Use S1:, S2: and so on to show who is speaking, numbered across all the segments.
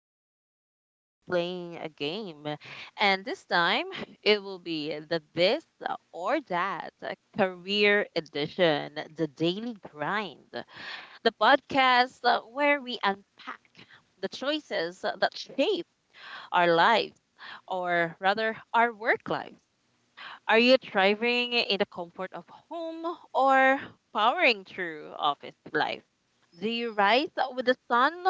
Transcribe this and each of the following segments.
S1: as always, playing a game. And this time, it will be the this or that career edition, the daily grind, the podcast where we unpack the choices that shape our lives, or rather, our work lives. Are you thriving in the comfort of home or powering through office life? Do you rise with the sun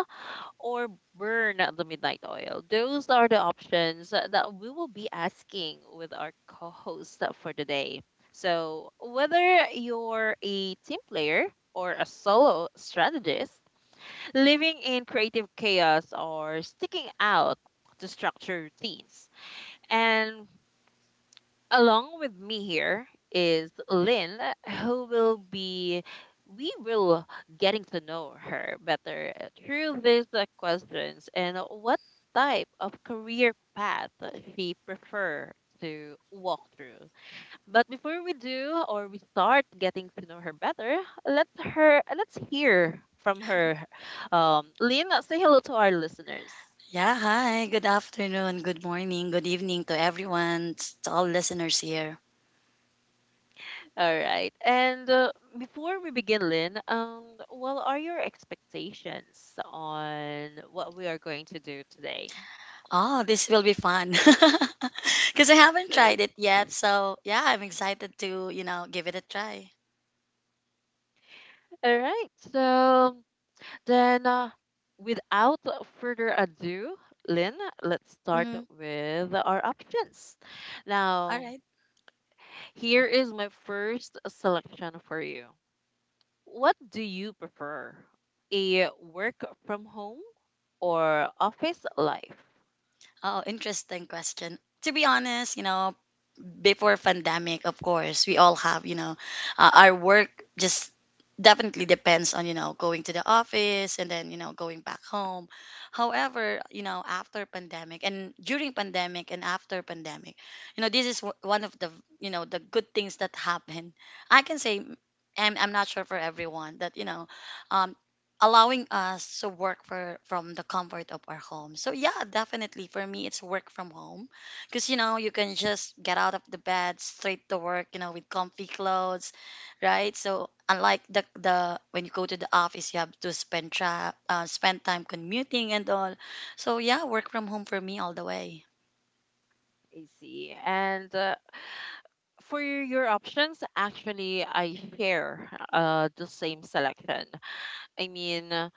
S1: or burn the midnight oil? Those are the options that we will be asking with our co host for today. So, whether you're a team player or a solo strategist, living in creative chaos or sticking out to structure routines, and along with me here is Lynn, who will be we will getting to know her better through these questions and what type of career path she prefer to walk through. But before we do or we start getting to know her better, let's hear from her. Lynn, say hello to our listeners.
S2: Yeah, hi. Good afternoon, good morning, good evening to everyone, to all listeners here.
S1: All right. And before we begin, Lynn, what are your expectations on what we are going to do today?
S2: Oh, this will be fun. Because I haven't tried it yet. So, yeah, I'm excited to, you know, give it a try.
S1: All right. So then, without further ado, Lynn, let's start
S2: Mm-hmm.
S1: with our options.
S2: All
S1: Now,
S2: right.
S1: here is my first selection for you. What do you prefer? A work from home or office life?
S2: Oh, interesting question. To be honest, you know, before pandemic, of course, we all have, you know, our work just definitely depends on, you know, going to the office and then, you know, going back home. However, you know, after pandemic and during pandemic and after pandemic, you know, one of the, you know, the good things that happen. I can say, I'm not sure for everyone that, you know, um, allowing us to work for from the comfort of our home. So yeah, definitely for me it's work from home because you know you can just get out of the bed straight to work, you know, with comfy clothes, right? So unlike the when you go to the office you have to spend time commuting and all. So yeah, work from home for me all the way.
S1: I see. And for your options, actually, I share the same selection. I mean, uh,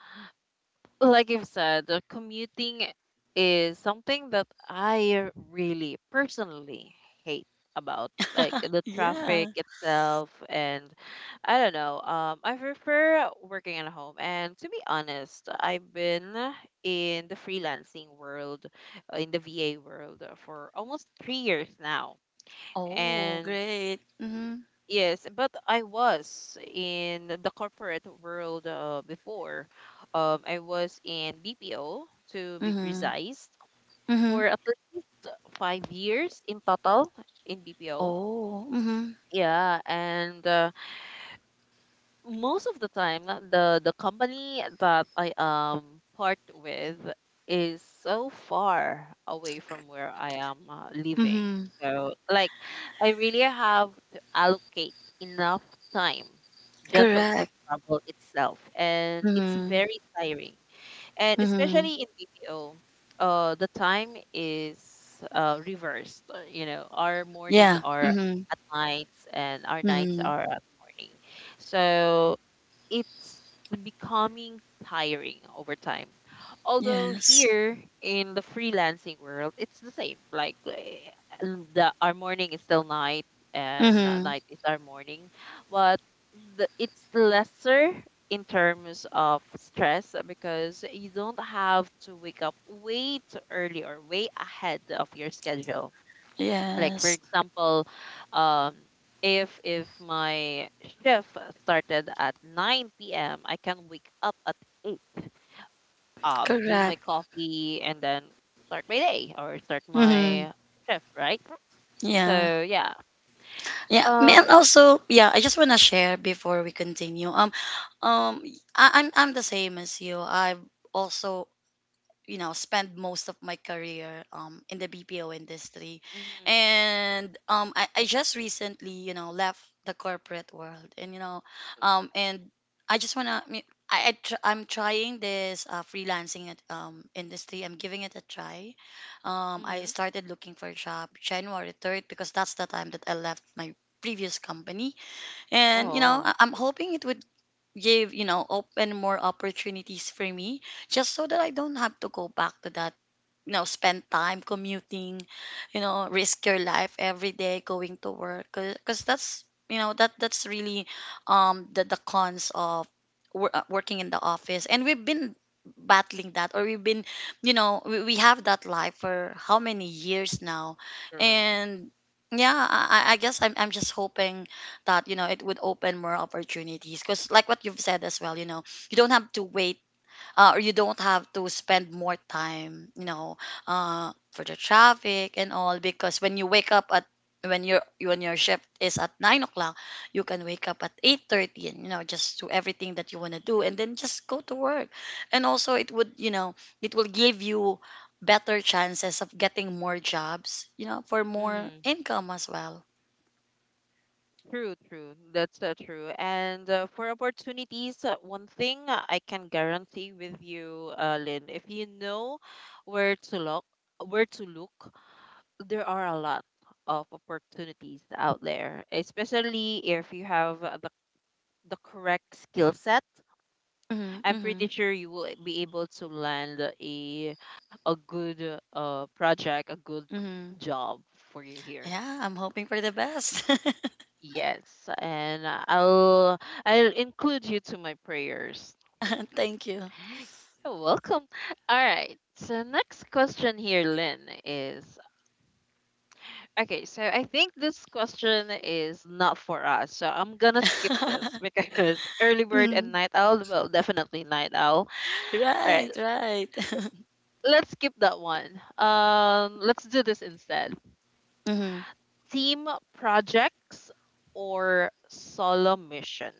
S1: like you've said, commuting is something that I really personally hate about, like the traffic
S2: Yeah.
S1: itself, and I don't know. I prefer working at home, and to be honest, I've been in the freelancing world, in the VA world, for almost 3 years now,
S2: Oh
S1: and
S2: great. Mm-hmm.
S1: yes, but I was in the corporate world before. I was in BPO, to be
S2: Mm-hmm.
S1: precise,
S2: Mm-hmm.
S1: for at least 5 years in total in BPO.
S2: Oh. Mm-hmm.
S1: Yeah, and most of the time, the company that I part with is so far away from where I am living.
S2: Mm-hmm.
S1: So, like, I really have to allocate enough time just for
S2: Correct.
S1: travel itself, and it's
S2: Mm-hmm.
S1: very tiring. And
S2: Mm-hmm.
S1: especially in BPO, the time is reversed. You know, our morning
S2: Yeah.
S1: are
S2: Mm-hmm.
S1: at nights, and our nights
S2: Mm-hmm.
S1: are at morning. So it's becoming tiring over time. Although
S2: Yes.
S1: here in the freelancing world, it's the same. The our morning is still night, and
S2: Mm-hmm.
S1: night is our morning, but it's lesser in terms of stress because you don't have to wake up way too early or way ahead of your schedule. Like for
S2: Yes.
S1: example, um if my shift started at 9 p.m., I can wake up at 8, do
S2: Correct.
S1: my coffee and then start my day or start
S2: Mm-hmm.
S1: my shift, right?
S2: Yeah.
S1: So yeah.
S2: And
S1: um
S2: also, yeah, I just want to share before we continue. Um, I'm the same as you. I've also, you know, spend most of my career in the BPO industry,
S1: mhm
S2: and I just recently, you know, left the corporate world, and you know, and I just wanna. I mean, I'm trying this freelancing industry. I'm giving it a try. I
S1: mhm
S2: started looking for a job January 3rd because that's the time that I left my previous company. And, you know,
S1: oh
S2: I'm hoping it would give, you know, open more opportunities for me, just so that I don't have to go back to that, you know, spend time commuting, you know, risk your life every day going to work, because that's, you know, that's really, the cons of working in the office. And we've been battling that, or we've been, you know, we have that life for how many years now.
S1: true
S2: And yeah, I guess I'm just hoping that, you know, it would open more opportunities, because like what you've said as well, you know, you don't have to wait or you don't have to spend more time, you know, for the traffic and all. Because when you wake up at when your shift is at 9 o'clock, you can wake up at 8:30, and you know, just do everything that you want to do, and then just go to work. And also, it would, you know, it will give you better chances of getting more jobs, you know, for more income as well.
S1: True, true. That's true. And for opportunities, one thing I can guarantee with you, Lynn, if you know where to look, where to look, there are a lot of opportunities out there, especially if you have the correct skill set.
S2: Hmm.
S1: I'm
S2: Hmm.
S1: pretty sure you will be able to land a good project, a good
S2: Hmm.
S1: job for you here.
S2: Yeah, I'm hoping for the best.
S1: Yes, and I'll include you to my prayers.
S2: Thank you.
S1: You're welcome. All right. So next question here, Lynn, is okay. So I think this question is not for us. So I'm gonna skip this because early bird and
S2: Mhm.
S1: night owl. Well, definitely night owl. All
S2: Right,
S1: right.
S2: right.
S1: Let's skip that one. Let's do this instead.
S2: Hmm.
S1: Team projects or solo mission?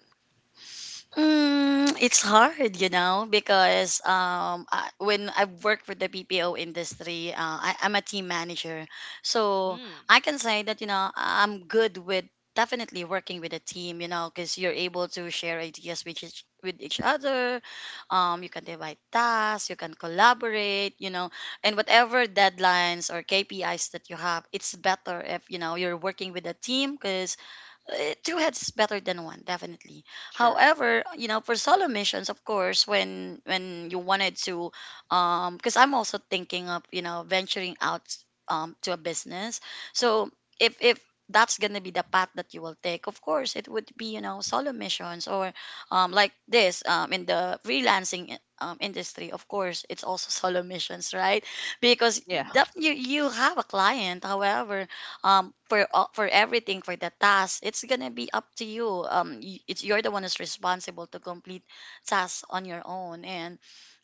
S2: Mm, it's hard, you know, because when I work for the BPO industry, I'm a team manager. So
S1: Hmm.
S2: I can say that, you know, I'm good with definitely working with a team, you know, because you're able to share ideas with each other. You can divide tasks, you can collaborate, you know, and whatever deadlines or KPIs that you have, it's better if, you know, you're working with a team because, eh, two heads is better than one, definitely.
S1: Sure.
S2: However, you know, for solo missions, of course, when you wanted to, um, because I'm also thinking of, you know, venturing out, um, to a business. So if that's gonna be the path that you will take, of course it would be, you know, solo missions. Or um, like this, um, in the industry, of course it's also solo missions, right? Because
S1: Yeah.
S2: that you have a client. However, um, for all, for everything, for the task, it's gonna be up to you. It's you're the one who's responsible to complete tasks on your own. And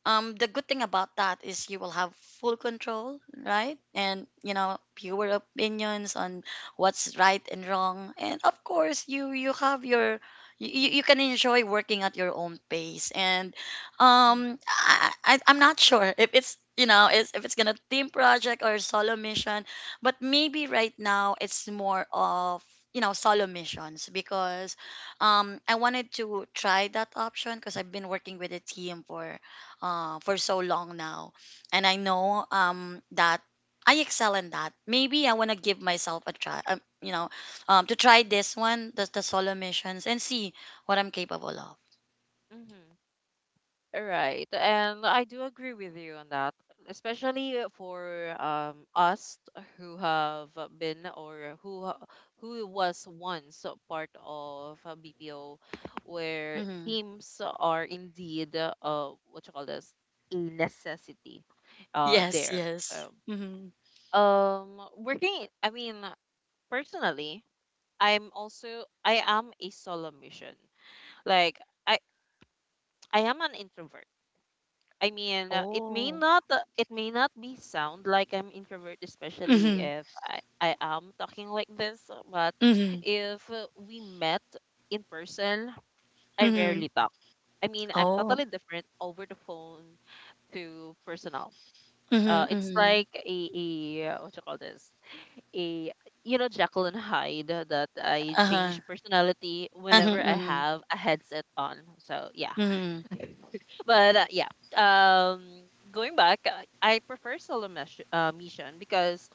S2: the good thing about that is you will have full control, right? And you know, fewer opinions on what's right and wrong. And of course, you have your, you can enjoy working at your own pace. And um, I, I I'm not sure if it's, you know, if it's gonna team project or solo mission, but maybe right now it's more of, you know, solo missions, because I wanted to try that option, because I've been working with a team for so long now. And I know that I excel in that. Maybe I want to give myself a try, you know, to try this one, the solo missions, and see what I'm capable of.
S1: Mm-hmm. Right. And I do agree with you on that, especially for us who have been or who ha- who was once a part of a BPO where
S2: Hmm.
S1: teams are indeed what you call this a necessity
S2: Yes,
S1: there.
S2: yes.
S1: Um,
S2: Hmm.
S1: working I mean personally, I am a solo mission. Like I I am an introvert. I mean,
S2: Oh.
S1: it may not be sound like I'm introvert, especially
S2: Hmm.
S1: if I am talking like this. But
S2: Hmm.
S1: if we met in person, I
S2: Hmm.
S1: rarely talk. I mean, I'm
S2: Oh.
S1: totally different over the phone to personal.
S2: Hmm.
S1: It's
S2: Hmm.
S1: like a what you call this? A you know Jacqueline Hyde that I
S2: Uh-huh.
S1: change personality
S2: Uh-huh.
S1: whenever I
S2: Hmm.
S1: have a headset on. So yeah.
S2: Hmm.
S1: but yeah um Going back, I prefer solo mission because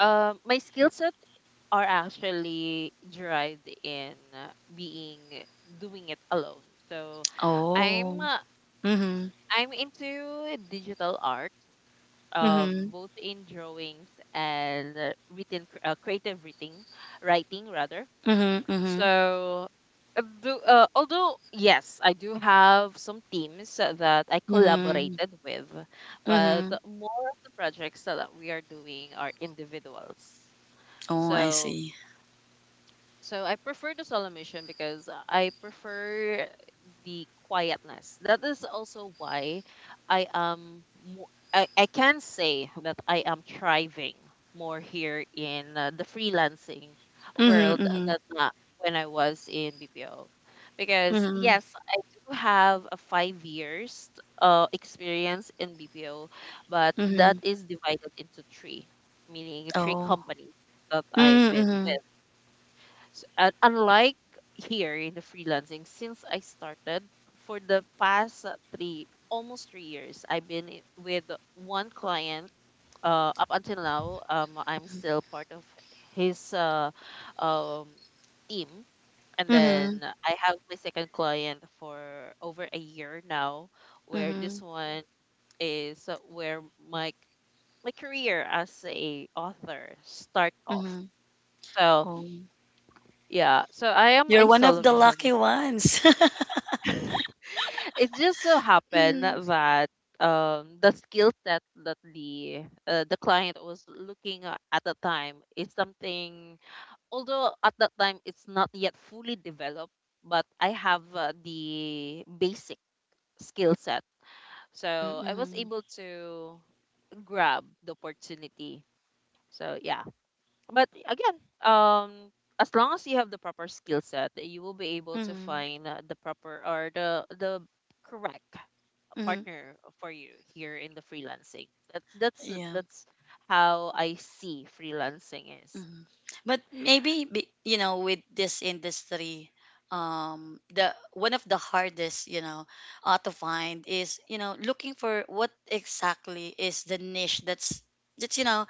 S1: my skill set are actually derived in being doing it alone. So i'm
S2: Oh.
S1: uh,
S2: Hmm.
S1: I'm into digital arts,
S2: Hmm.
S1: both in drawings and creative writing rather.
S2: Hmm. Hmm.
S1: So, although yes, I do have some teams that I
S2: Hmm.
S1: collaborated with, but
S2: Hmm.
S1: more of the projects that we are doing are individuals.
S2: Oh, I
S1: So
S2: see.
S1: so I prefer the solo mission because I prefer the quietness. That is also why I can say that I am thriving more here in the freelancing world
S2: Mm-hmm.
S1: than when I was in BPO. Because
S2: Mm-hmm.
S1: yes, I do have a 5 years experience in BPO, but that
S2: Mhm.
S1: is divided into three, meaning three
S2: Oh.
S1: companies that I've
S2: Mm.
S1: been
S2: Mhm.
S1: with. Unlike here in the freelancing, since I started for the past almost 3 years, I've been with one client. Up until now, I'm still part of his um, team. And then
S2: Mhm.
S1: I have my second client for over a year now, where this
S2: Mhm.
S1: one is where my career as a author start off.
S2: Mhm.
S1: So
S2: Oh.
S1: yeah, so I am
S2: You're
S1: a
S2: one of
S1: solo
S2: the
S1: mission.
S2: lucky ones.
S1: It just so happened
S2: Mm.
S1: that the skill set that the client was looking at the time is something. Although at that time it's not yet fully developed, but I have the basic skill set, so I was
S2: Mm-hmm.
S1: able to grab the opportunity. So yeah, but again, as long as you have the proper skill set you will be able to
S2: Mm-hmm.
S1: find the proper or the correct
S2: Mm-hmm.
S1: partner for you here in the freelancing. That's
S2: Yeah.
S1: that's how I see freelancing is.
S2: Mm-hmm. You know, with this industry, um, the one of the hardest, you know, to find is, you know, looking for what exactly is the niche that's, you know,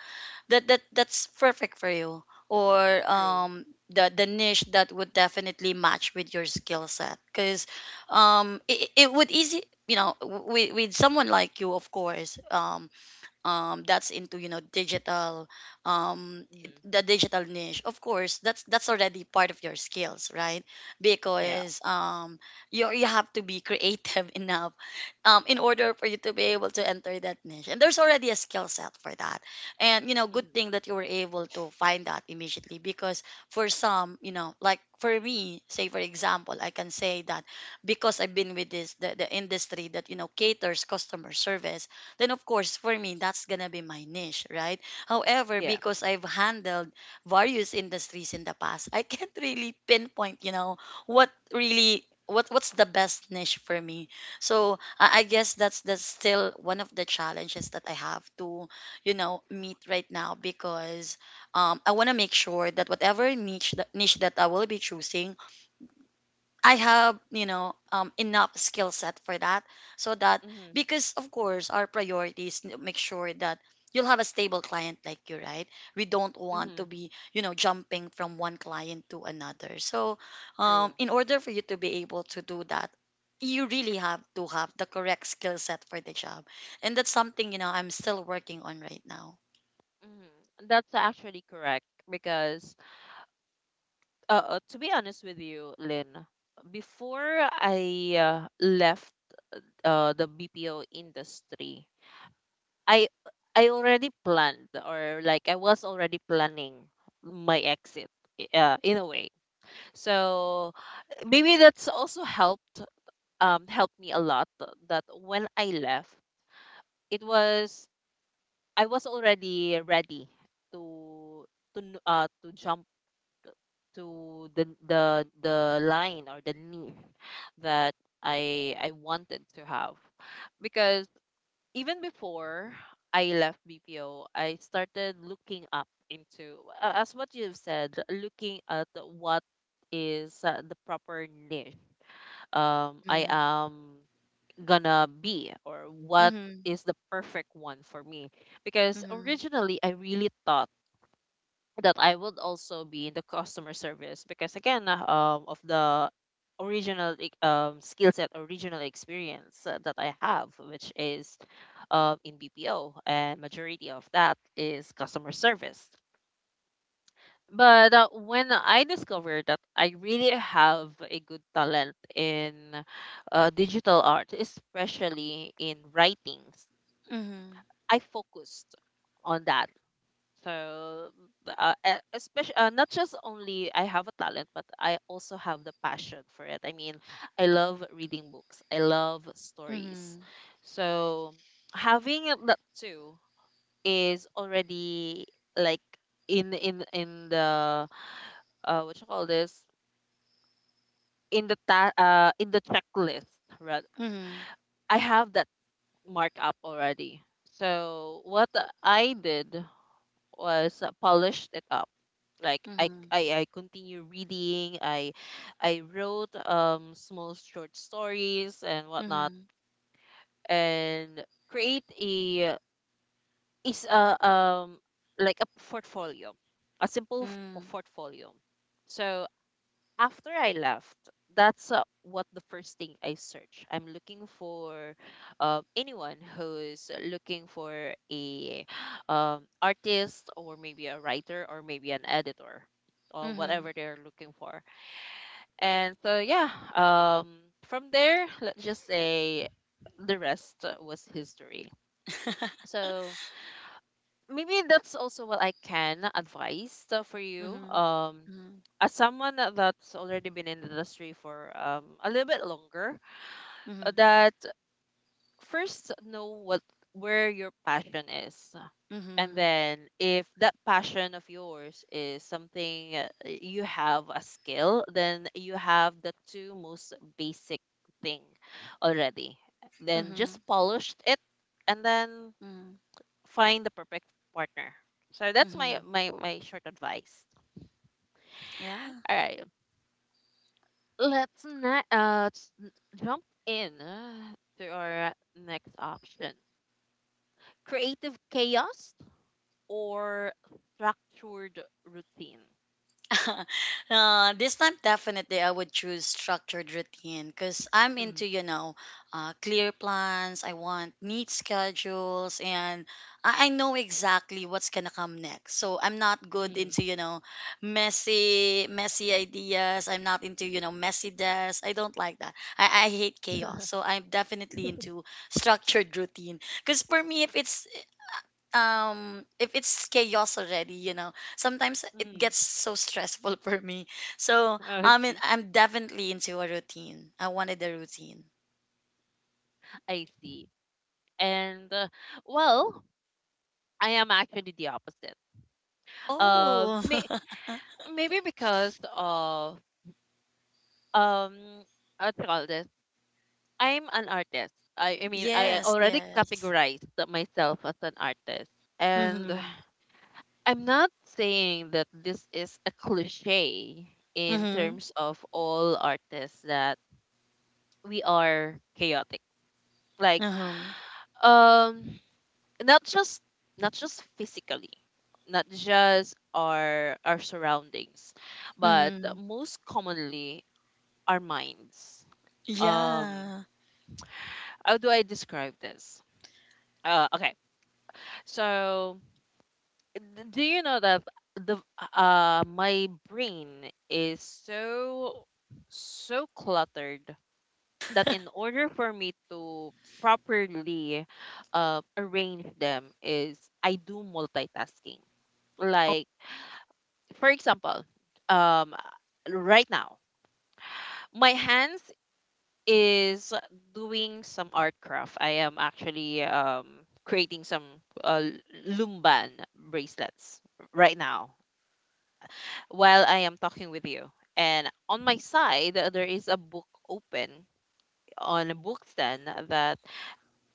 S2: that that's perfect for you. Or
S1: True.
S2: um, the niche that would definitely match with your skill set, because it, it would easy, you know, with someone like you, of course, um that's into, you know, digital, um,
S1: Hmm
S2: the digital niche, of course, that's already part of your skills, right?
S1: Yeah.
S2: Because you you have to be creative enough, in order for you to be able to enter that niche. And there's already a skill set for that. And, you know, good
S1: hmm
S2: thing that you were able to find that immediately. Because for some, you know, like for me, say for example, I can say that because I've been with the industry that, you know, caters customer service, then of course for me, that's going to be my niche, right? However,
S1: Yeah.
S2: because I've handled various industries in the past, I can't really pinpoint, you know, what what's the best niche for me. So I guess that's still one of the challenges that I have to, you know, meet right now. Because I want to make sure that whatever niche that I will be choosing, I have, you know, enough skill set for that. So that,
S1: hmm
S2: because of course, make sure that you'll have a stable client like you, right? We don't want to
S1: hmm
S2: be, you know, jumping from one client to another. So,
S1: True.
S2: in order for you to be able to do that, you really have to have the correct skill set for the job. And that's something, you know, I'm still working on right now.
S1: That's actually correct because to be honest with you, Lynn, before I left the BPO industry, I I already planned, or like I was already planning my exit in a way. So maybe that's also helped helped me a lot that when I left it was I was already ready to to jump to the line or the need that I wanted to have, because even before I left BPO I started looking up into as what you've said, looking at what is the proper niche I
S2: Mm.
S1: am gonna be, or what
S2: Mm-hmm.
S1: is the perfect one for me, because
S2: Hmm.
S1: originally I really thought that I would also be in the customer service because again, of the original skill set, original experience that I have, which is in BPO and majority of that is customer service. But when I discovered that I really have a good talent in digital art, especially in writings,
S2: Hmm.
S1: I focused on that. So, uh, especially not just only I have a talent, but I also have the passion for it. I mean, I love reading books. I love stories.
S2: Hmm.
S1: So having it that too is already like in the what you call this in the in the checklist. Right,
S2: Hmm.
S1: I have that markup already. So what I did was polished it up, like
S2: Hmm.
S1: I continue reading, I wrote small short stories and whatnot, and create a is a like a portfolio, a simple f-
S2: Hmm.
S1: portfolio. So after I left, that's what the first thing I search. I'm looking for anyone who's looking for a artist or maybe a writer or maybe an editor or whatever
S2: Hmm.
S1: they're looking for. And so yeah, um, from there, let's just say the rest was history. So maybe that's also what I can advise for you.
S2: Mm-hmm. Mm-hmm.
S1: As someone that's already been in the industry for a little bit longer,
S2: Mm-hmm.
S1: that first know what where your passion is, and
S2: Mm-hmm.
S1: then if that passion of yours is something you have a skill, then you have the two most basic thing already. Then just polish it, and then
S2: Mm-hmm.
S1: find the perfect partner. So that's
S2: Mm-hmm.
S1: my short advice.
S2: Yeah.
S1: All right, let's not s- n- jump in to our next option: creative chaos or structured routine.
S2: This time definitely I would choose structured routine, because I'm into,
S1: Mm,
S2: you know, clear plans. I want neat schedules, and I know exactly what's gonna come next. So I'm not good
S1: mm,
S2: into, you know, messy ideas. I'm not into, you know, messy desks. I don't like that. I hate chaos. So I'm definitely into structured routine, because for me, if it's, um, if it's chaos already, you know, sometimes it
S1: mm.
S2: gets so stressful for me. So
S1: I
S2: I mean,
S1: see.
S2: I'm definitely into a routine. I wanted a routine.
S1: I see. And well, I am actually the opposite. Um,
S2: Oh.
S1: may- Maybe because of um, what you call this? I'm an artist. I mean, I
S2: Yes,
S1: already
S2: yes.
S1: categorized that myself as an artist. And
S2: Mm-hmm.
S1: I'm not saying that this is a cliche in
S2: Mm-hmm.
S1: terms of all artists that we are chaotic. Like,
S2: Mm-hmm.
S1: um, not just not just physically, not just our surroundings, but
S2: Mm-hmm.
S1: most commonly our minds. Um,
S2: Yeah.
S1: how do I describe this? Okay, so d- do you know that the my brain is so cluttered that in order for me to properly arrange them is I do multitasking. Like, for example, um right now my hands is doing some art craft. I am actually creating some uh, lumban bracelets right now while I am talking with you. And on my side, there is a book open on a bookstand that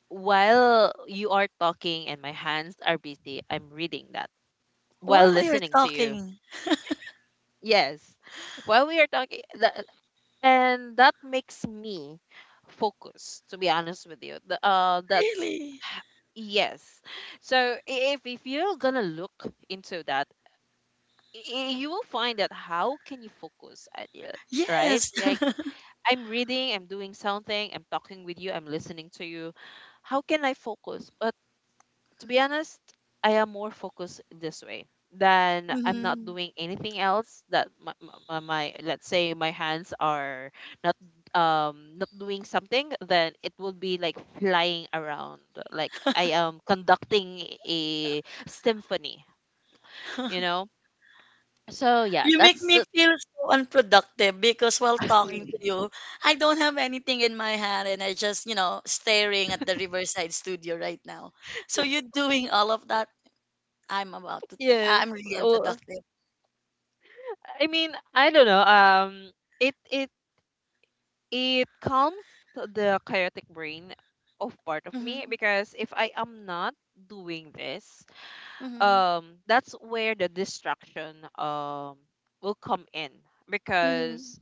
S1: while you are talking and my hands are busy, I'm reading that
S2: While
S1: while
S2: you're
S1: listening to you.
S2: talking.
S1: Yes, while we are talking, and that makes me focus. To be honest with you,
S2: Really.
S1: h- yes. So if you're gonna look into that, you will find that how can you focus, Adil, right?
S2: Yes.
S1: Like, I'm reading, I'm doing something, I'm talking with you, I'm listening to you. How can I focus? But to be honest, I am more focused this way than I'm not
S2: Hmm.
S1: doing anything else that my let's say my hands are not not doing something, then it will be like flying around, like I am conducting a symphony you know so yeah,
S2: You make
S1: that's
S2: me
S1: the.
S2: feel so unproductive, because while talking to you, I don't have anything in my hand and I just, you know, staring at the Riverside studio right now. So you doing all of that. I'm about to think.
S1: Yes.
S2: I'm really
S1: Well,
S2: unproductive.
S1: I mean I don't know, it it It calms the chaotic brain of part of me
S2: Hmm.
S1: because if I am not doing this,
S2: Hmm.
S1: that's where the distraction will come in,
S2: Hmm.
S1: because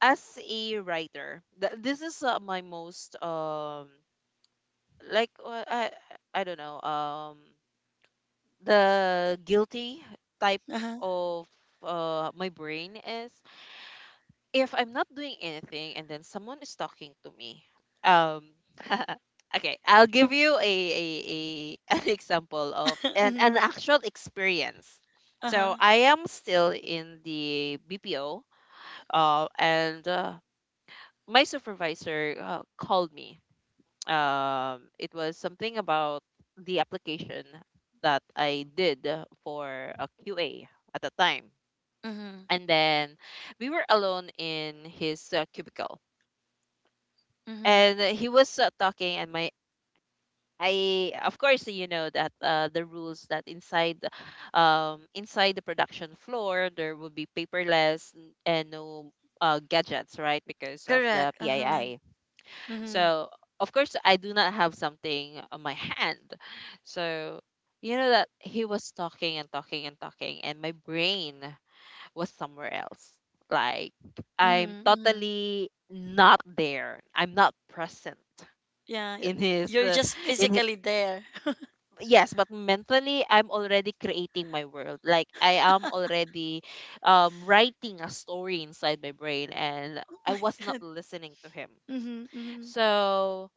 S1: as a writer, this is my most like, I don't know, the guilty type
S2: Uh-huh.
S1: of my brain is if I'm not doing anything and then someone is talking to me, um, okay, I'll give you a an example of an
S2: Hmm.
S1: actual experience. So
S2: Uh-huh.
S1: I am still in the BPO, and my supervisor called me. It was something about the application that I did for a QA at the time,
S2: Hmm.
S1: and then we were alone in his cubicle,
S2: Hmm.
S1: and he was talking, and my I of course you know that the rules that inside inside the production floor there will be paperless and no gadgets, right, because of the
S2: Correct. Uh-huh. Nan.
S1: PII.
S2: Mhm.
S1: So of course I do not have something on my hand. So you know that he was talking and talking and talking, and my brain was somewhere else, like I'm
S2: Mhm. Mhm.
S1: totally not there, I'm not present.
S2: Yeah,
S1: In his
S2: you're just
S1: in hi-
S2: physically there.
S1: yes, but mentally I'm already creating my world, like I am already writing a story inside my brain, and
S2: Oh
S1: I
S2: my
S1: was not
S2: God.
S1: listening to him.
S2: Hmm. Hmm.
S1: So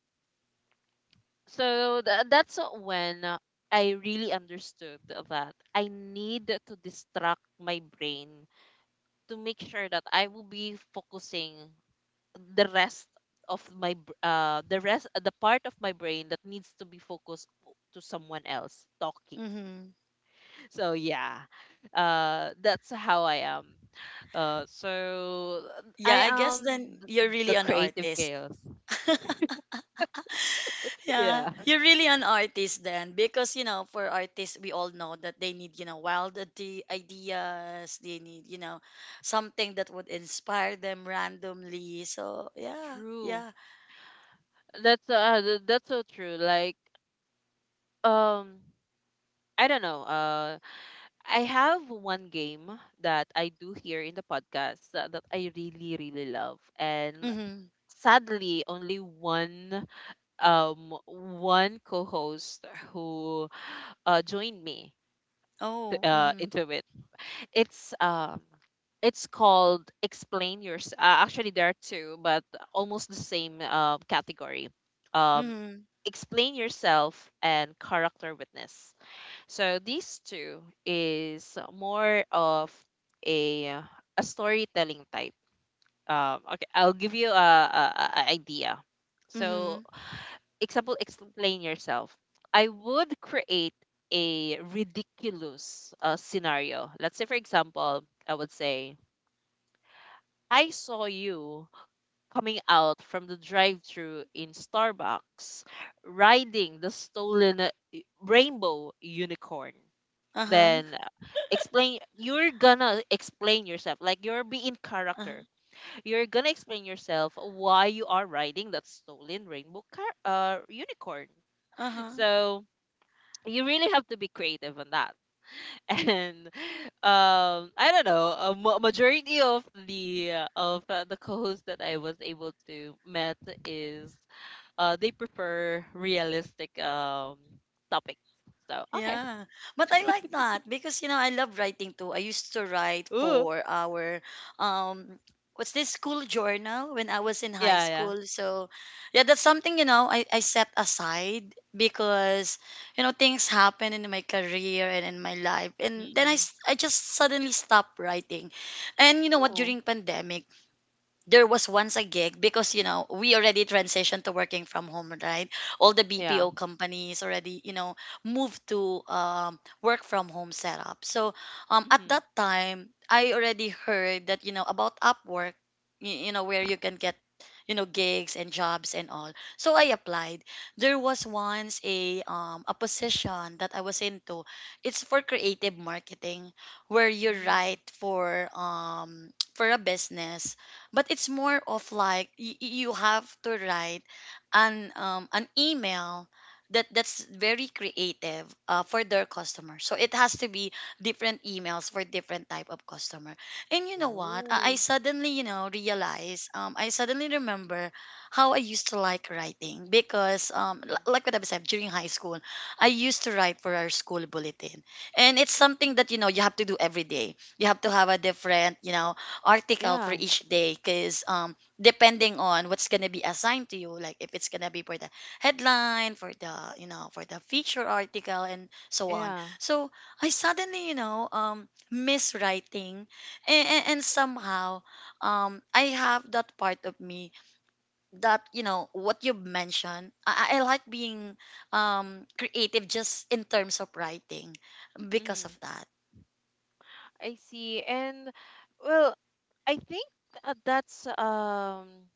S1: that's when I really understood that I need to distract my brain to make sure that I will be focusing the rest of my br- the rest the part of my brain that needs to be focused to someone else talking.
S2: Hmm.
S1: So yeah, that's how I am. uh so I
S2: Yeah, I guess
S1: am
S2: then you're really
S1: the
S2: an
S1: creative
S2: artist.
S1: chaos.
S2: Yeah,
S1: Yeah.
S2: you're really an artist then, because you know, for artists, we all know that they need, you know, ideas. They need, you know, something that would inspire them randomly. So yeah,
S1: True.
S2: yeah.
S1: That's so true. Like, um I don't know, I have one game that I do here in the podcast that I really love, and
S2: Mm-hmm.
S1: sadly only one co-host who joined me
S2: Oh. Mm-hmm.
S1: into it. it's um it's called "Explain Yours." Actually, there are two, but almost the same category. um
S2: Mm-hmm.
S1: Explain Yourself and Character Witness. So these two is more of a uh, a storytelling type. Okay, I'll give you a idea. So,
S2: Mm-hmm.
S1: example, Explain Yourself. I would create a ridiculous scenario. Let's say, for example, I would say, I saw you coming out from the drive through in Starbucks riding the stolen rainbow unicorn.
S2: Uh huh.
S1: Then explain, you're gonna explain yourself, like you're being character. You're gonna explain yourself why you are riding that stolen rainbow unicorn.
S2: Uh huh.
S1: So you really have to be creative on that. And I don't know, majority of the co-hosts that I was able to met is they prefer realistic topics. So, okay.
S2: Yeah, but I like that because you know I love writing too. I used to write
S1: Ooh.
S2: for our, um, what's this, school journal when I was in high
S1: Yeah, yeah.
S2: school. So yeah, that's something you know I set aside because you know things happen in my career and in my life, and then
S1: Mm.
S2: I just suddenly stopped writing, and you know what,
S1: Oh,
S2: during pandemic there was once a gig because you know we already transitioned to working from home, right? All the
S1: yeah.
S2: bpo companies already, you know, moved to work from home setup. So at
S1: Mm-hmm.
S2: that time I already heard, that you know, about upwork, you know where you can get, you know, gigs and jobs and all. So I applied. There was once a position that I was into. It's for creative marketing, where you
S1: Mm.
S2: write for um, for a business. But it's more of like you have to write an email that's very creative, for their customer, so it has to be different emails for different type of customer. And you know what, I
S1: Oh,
S2: suddenly, you know, realize, I suddenly remember how I used to like writing. Because
S1: mm.
S2: like what I said, during high school I used to write for our school bulletin, and it's something
S1: Mm.
S2: that, you know, you have to do every day. You have to have a different, you know, article for
S1: Yeah,
S2: each day, because depending on what's gonna be assigned to you, like if it's gonna be for the headline, for the, you know, for the feature article and so on.
S1: yeah.
S2: So I suddenly, you know, miss writing. And somehow I have that part of me that, you know what you mentioned, I, I like being creative just in terms of writing, because of
S1: Mm.
S2: that.
S1: I see. And well, I think that's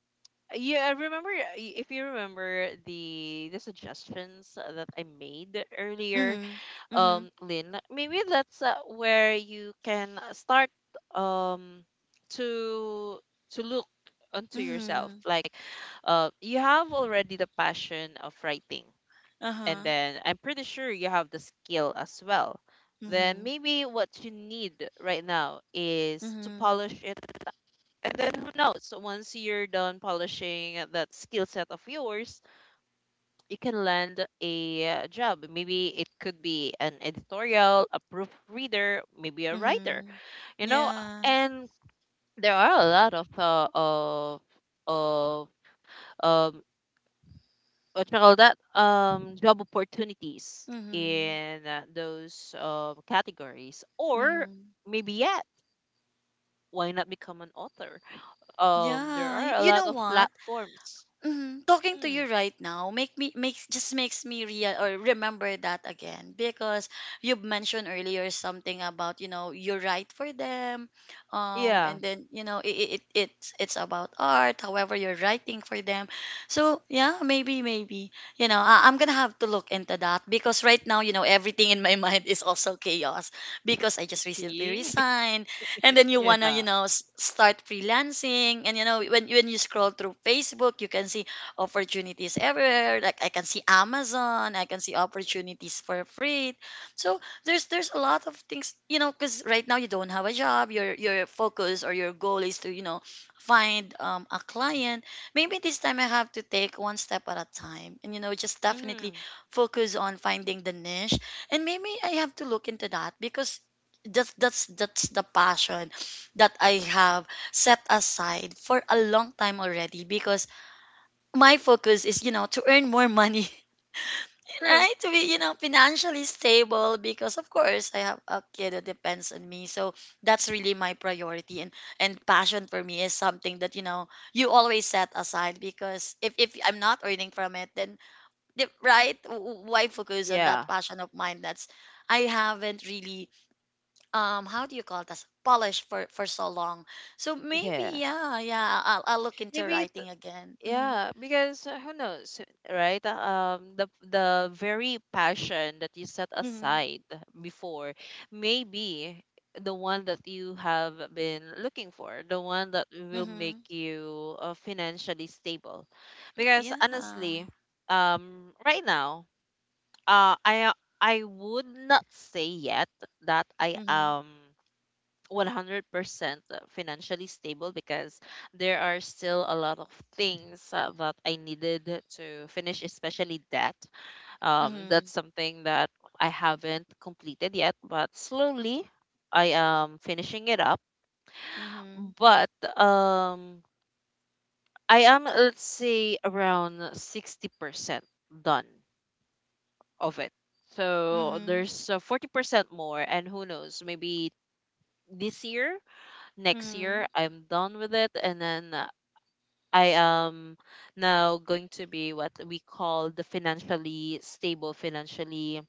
S1: yeah, I remember if you remember the suggestions that I made earlier.
S2: Mm-hmm. Mm-hmm.
S1: Lynn, maybe that's where you can start um to to look onto yourself.
S2: Mm-hmm.
S1: Like, you have already the passion of writing, and
S2: Uh-huh.
S1: then I'm pretty sure you have the skill as well. Then
S2: Mm-hmm.
S1: maybe what you need right now is to
S2: Mhm.
S1: polish it, and then who knows? So once you're done polishing that skill set of yours, you can land a job. Maybe it could be an editorial, a proofreader, maybe a writer.
S2: Mhm.
S1: You know,
S2: Yeah.
S1: and there are a lot of of um what you call that job opportunities
S2: Mhm.
S1: in those categories. Or
S2: Mhm.
S1: maybe yet, why not become an author? There
S2: Yeah.
S1: are
S2: Y-
S1: a
S2: You
S1: lot
S2: know
S1: of
S2: what?
S1: platforms.
S2: Mhm. Talking to
S1: Hmm.
S2: you right now make me makes just makes me real or remember that again, because you've mentioned earlier something about, you know, you're right for them,
S1: Yeah.
S2: and then you know it it's about art. However, you're writing for them, so yeah, maybe maybe, you know, I'm gonna have to look into that. Because right now, you know, everything in my mind is also chaos because I just recently
S1: See?
S2: resigned, and then you wanna, you
S1: Yeah.
S2: know, start freelancing. And you know, when you scroll through facebook you can see opportunities everywhere. Like, I can see amazon, I can see opportunities for free. So there's a lot of things, you know, because right now you don't have a job, your focus or your goal is to, you know, find a client. Maybe this time I have to take one step at a time and, you know, just definitely
S1: Mm.
S2: focus on finding the niche. And maybe I have to look into that, because that's the passion that I have set aside for a long time already, because my focus is, you know, to earn more money,
S1: True.
S2: right, to be, you know, financially stable. Because of course I have a kid that depends on me, so that's really my priority. And passion for me is something that, you know, you always set aside, because if I'm not earning from it, then why focus on that
S1: Yeah.
S2: passion of mine? That's, I haven't really how do you call this, polish, for so long. So
S1: Yeah.
S2: maybe yeah, I'll look into
S1: Maybe it,
S2: writing again. Mm-hmm.
S1: yeah, because who knows, right? The very passion that you set
S2: Mm-hmm.
S1: aside before may be the one that you have been looking for, the one that will make
S2: Mm-hmm.
S1: you financially stable. Because
S2: Yeah.
S1: honestly, right now, uh, I I would not say yet that I
S2: Mm-hmm.
S1: am 100% financially stable, because there are still a lot of things that I needed to finish, especially debt.
S2: Mm-hmm.
S1: That's something that I haven't completed yet, but slowly I am finishing it up.
S2: Mm-hmm.
S1: But um, I am, let's say, around 60% done of it. So
S2: Mm-hmm.
S1: there's 40% more, and who knows, maybe this year, next
S2: Mm-hmm.
S1: year I'm done with it, and then I am now going to be what we call the financially stable, financially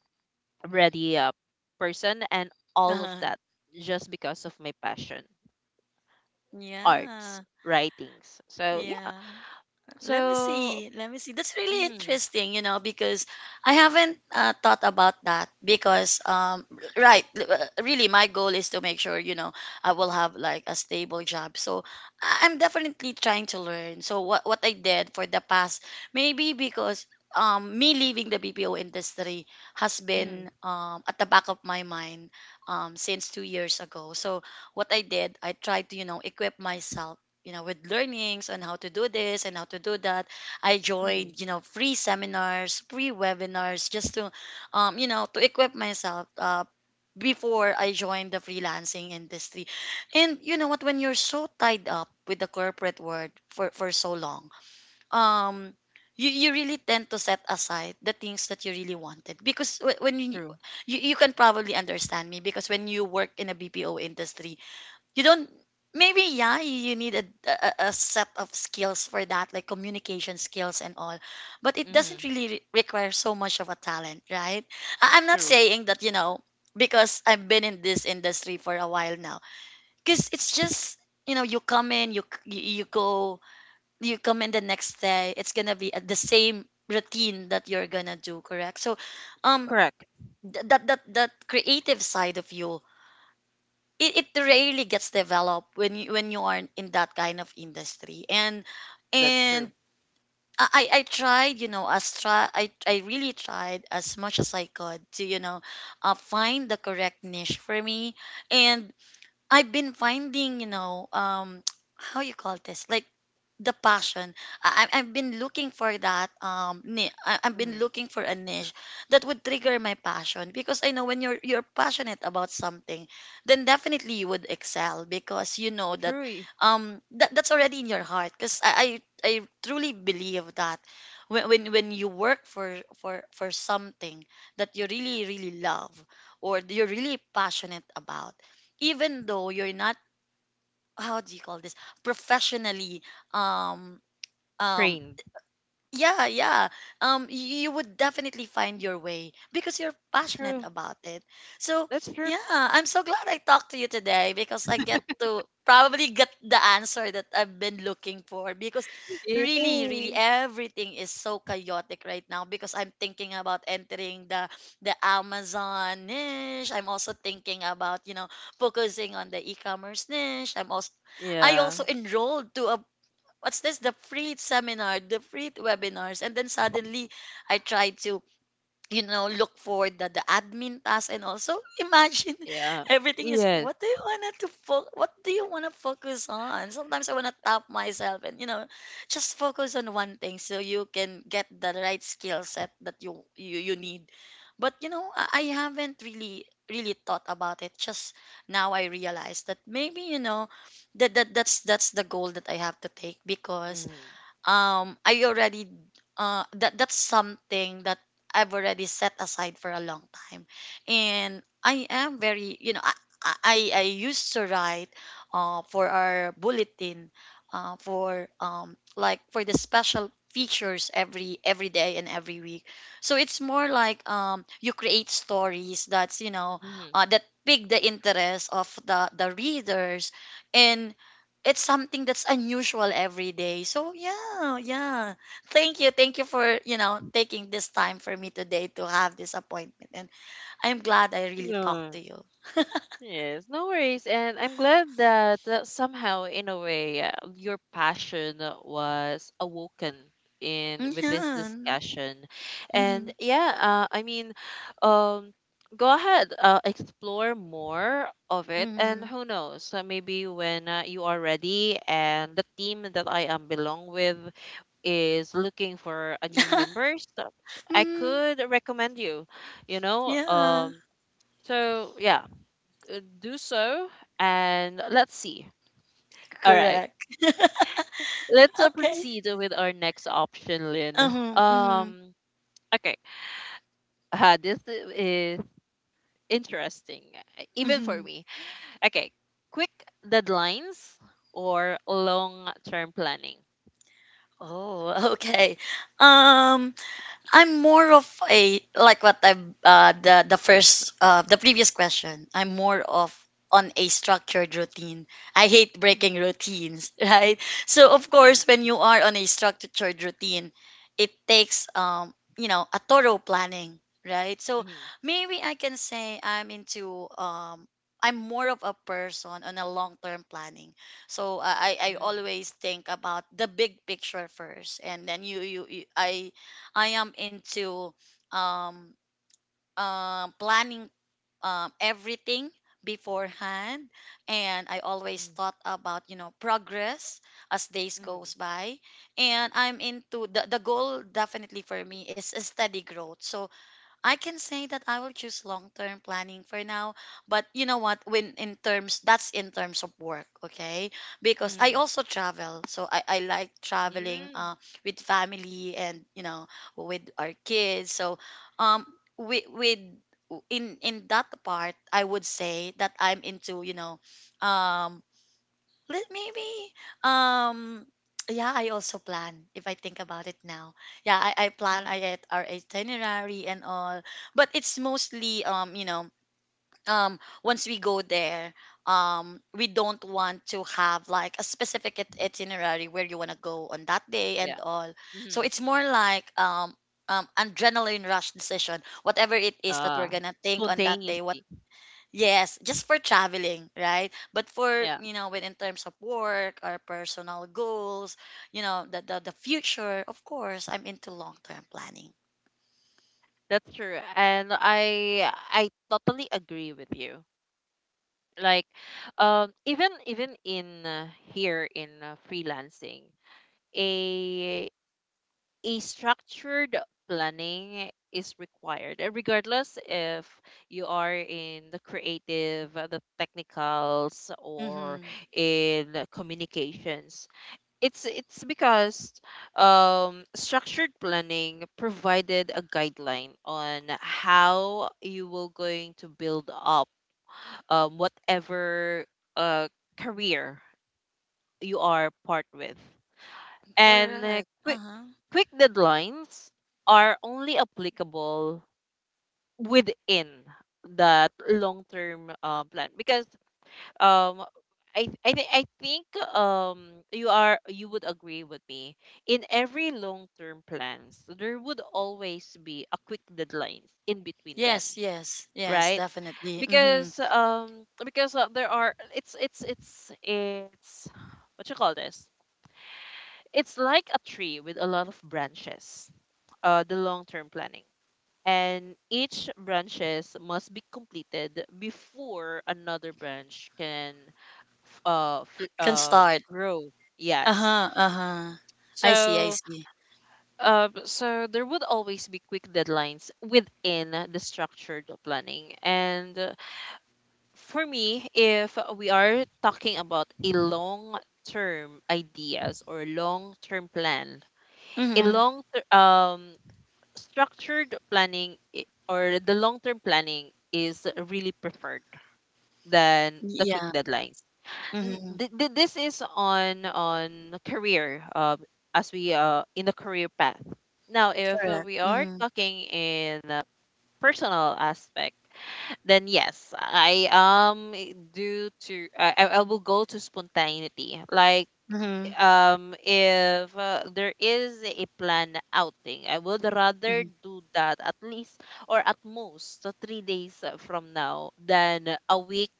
S1: ready person, and all of
S2: Uh-huh.
S1: that just because of my passion, arts,
S2: Yeah.
S1: writings. So yeah.
S2: Yeah. Let me
S1: So.
S2: see. Let me see. That's really
S1: Mm-hmm.
S2: interesting, you know, because I haven't, thought about that. Because, right, really, my goal is to make sure, you know, I will have like a stable job. So I'm definitely trying to learn. So what I did for the past, maybe because me leaving the BPO industry has
S1: Mm-hmm.
S2: been at the back of my mind since 2 years ago. So what I did, I tried to, you know, equip myself, you know, with learnings on how to do this and how to do that. I joined,
S1: Mm-hmm.
S2: you know, free seminars, free webinars, just to, you know, to equip myself, before I joined the freelancing industry. And you know what, when you're so tied up with the corporate world for, so long, um, you really tend to set aside the things that you really wanted. Because wh- when you,
S1: True.
S2: you you can probably understand me, because when you work in a BPO industry you don't, maybe yeah, you need a set of skills for that, like communication skills and all, but it doesn't
S1: Mm-hmm.
S2: really require so much of a talent, right? I- I'm not
S1: True.
S2: saying that, you know, because I've been in this industry for a while now, because it's just, you know, you come in, you you go, you come in the next day, it's gonna be the same routine that you're gonna do, correct? So um,
S1: Correct.
S2: that that creative side of you, it rarely gets developed when you are in that kind of industry. And
S1: That's
S2: and
S1: true.
S2: I tried, you know, I really tried as much as I could to, you know, find the correct niche for me. And I've been finding, you know, how you call this, like, the passion. I've been looking for that I've been
S1: Mm-hmm.
S2: looking for a niche that would trigger my passion. Because I know when you're passionate about something, then definitely you would excel, because you know that
S1: True. You.
S2: that, that's already in your heart. Because I truly believe that when, when you work for something that you really really love, or you're really passionate about, even though you're not, how do you call this, professionally, um um,
S1: Trained.
S2: yeah, yeah. You would definitely find your way because you're passionate
S1: True.
S2: about it. So,
S1: That's true.
S2: yeah, I'm so glad I talked to you today, because I get to probably get the answer that I've been looking for. Because really,
S1: Yay.
S2: really, everything is so chaotic right now, because I'm thinking about entering the Amazon niche. I'm also thinking about, you know, focusing on the e-commerce niche. I'm also, I
S1: Yeah.
S2: also enrolled to a, what's this, the free seminar, the free webinars, and then suddenly I tried to, you know, look for the, admin task, and also, imagine,
S1: Yeah.
S2: everything is,
S1: Yes.
S2: what do you wanna what do you wanna focus on? Sometimes I wanna tap myself and, you know, just focus on one thing so you can get the right skill set that you need. But you know, I haven't really really thought about it. Just now I realized that maybe, you know, that, that that's the goal that I have to take, because
S1: Mm-hmm.
S2: I already that that's something that I've already set aside for a long time. And I am very, you know, I used to write, for our bulletin, for um, like for the special features, every day and every week. So it's more like, um, you create stories that's, you know, that pique the interest of the readers, and it's something that's unusual every day. So yeah, yeah. Thank you. Thank you for, you know, taking this time for me today to have this appointment. And I'm glad I really talked
S1: No.
S2: to you.
S1: Yes, no worries. And I'm glad that somehow, in a way, your passion was awoken in with this
S2: Yeah.
S1: discussion.
S2: Mm-hmm.
S1: And yeah, I mean, um, go ahead, explore more of it. And
S2: Mm-hmm.
S1: who knows, maybe when you are ready and the team that I am belong with is looking for a new members, I
S2: mm,
S1: could recommend you, you know,
S2: yeah.
S1: um, So yeah, do so and let's see. All right.
S2: Correct.
S1: Let's
S2: Okay.
S1: proceed with our next option, Lynn.
S2: Uh-huh. Mm-hmm.
S1: Um okay. This is interesting, even for
S2: Mm-hmm.
S1: me. Okay. Quick deadlines or long-term planning.
S2: Oh, okay. Um, I'm more of a, like what I, uh, the first, the previous question. I'm more of on a structured routine. I hate
S1: Mhm.
S2: breaking routines, right? So of
S1: Yeah.
S2: course, when you are on a structured routine, it takes, um, you know, a thorough planning, right? So
S1: Mhm.
S2: maybe I can say I'm into um, I'm more of a person on a long-term planning. So I
S1: Mhm.
S2: always think about the big picture first, and then you I am into um, planning everything beforehand. And I always
S1: Mhm.
S2: thought about, you know, progress as days goes
S1: Mhm.
S2: by, and I'm into the goal definitely for me is a steady growth. So I can say that I will choose long-term planning for now. But you know what? When in terms, that's in terms of work, okay? Because I
S1: Mhm.
S2: also travel, so I like traveling,
S1: Mhm.
S2: with family and, you know, with our kids. So um, with in that part, I would say that I'm into, you know, um let maybe um yeah, I also plan, if I think about it now. Yeah, I plan
S1: Mhm.
S2: I at our itinerary and all. But it's mostly, you know, um, once we go there, um, we don't want to have like a specific itinerary where you want to go on that day and
S1: Yeah.
S2: all. So
S1: Mhm.
S2: it's more like adrenaline rush decision, whatever it is that
S1: Uh
S2: we're gonna think on that day what.
S1: Spontaneously.
S2: Yes, just for traveling, right? But for,
S1: Yeah.
S2: you know, when in terms of work or personal goals, you know, the future, of course, I'm into long-term planning.
S1: That's true. And I totally agree with you. Like, even in, here in, freelancing, a a structured planning is required, regardless if you are in the creative, the technicals, or
S2: Mm-hmm.
S1: in the communications. It's because, structured planning provided a guideline on how you will going to build up, whatever uh, career you are part with. And
S2: Correct.
S1: quick
S2: Uh-huh.
S1: quick deadlines are only applicable within that long-term plan, because um I think you would agree with me, in every long-term plans there would always be a quick deadlines in between them,
S2: Yes, yes, yes,
S1: right?
S2: definitely. Mm-hmm.
S1: Because there are, it's what you call this, it's like a tree with a lot of branches, the long term planning. And each branches must be completed before another branch can
S2: Can start.
S1: grow. Yes.
S2: Uh-huh, uh-huh. I see, I
S1: So
S2: see.
S1: there would always be quick deadlines within the structured planning. And for me, if we are talking about a long term ideas or long term plan, a
S2: Mm-hmm.
S1: long ter- um structured planning or the long term planning is really preferred than the quick
S2: Yeah.
S1: deadlines.
S2: Mm-hmm.
S1: This is on career, as we in the career path. Now, if
S2: Correct.
S1: we are
S2: Mm-hmm.
S1: talking in personal aspect, then yes, I do to I will go to spontaneity. Like,
S2: Mm-hmm.
S1: if there is a planned outing, I would rather
S2: Mm-hmm.
S1: do that at least or at most 3 days from now than a week,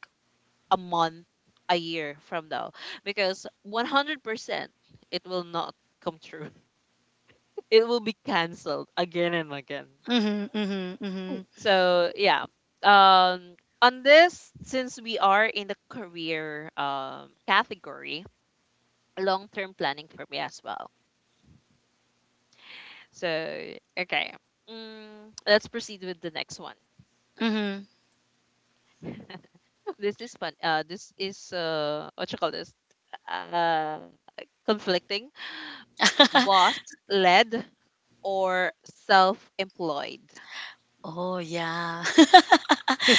S1: a month, a year from now, because 100% it will not come true. It will be canceled again and again.
S2: Mm-hmm. Mm-hmm.
S1: So yeah. Um on this, since we are in the career category, long term planning for me as well. So, okay. Let's proceed with the next one.
S2: Mm-hmm.
S1: This is fun. This is what you call this? Uh Conflicting. Boss led or self employed.
S2: Oh, yeah.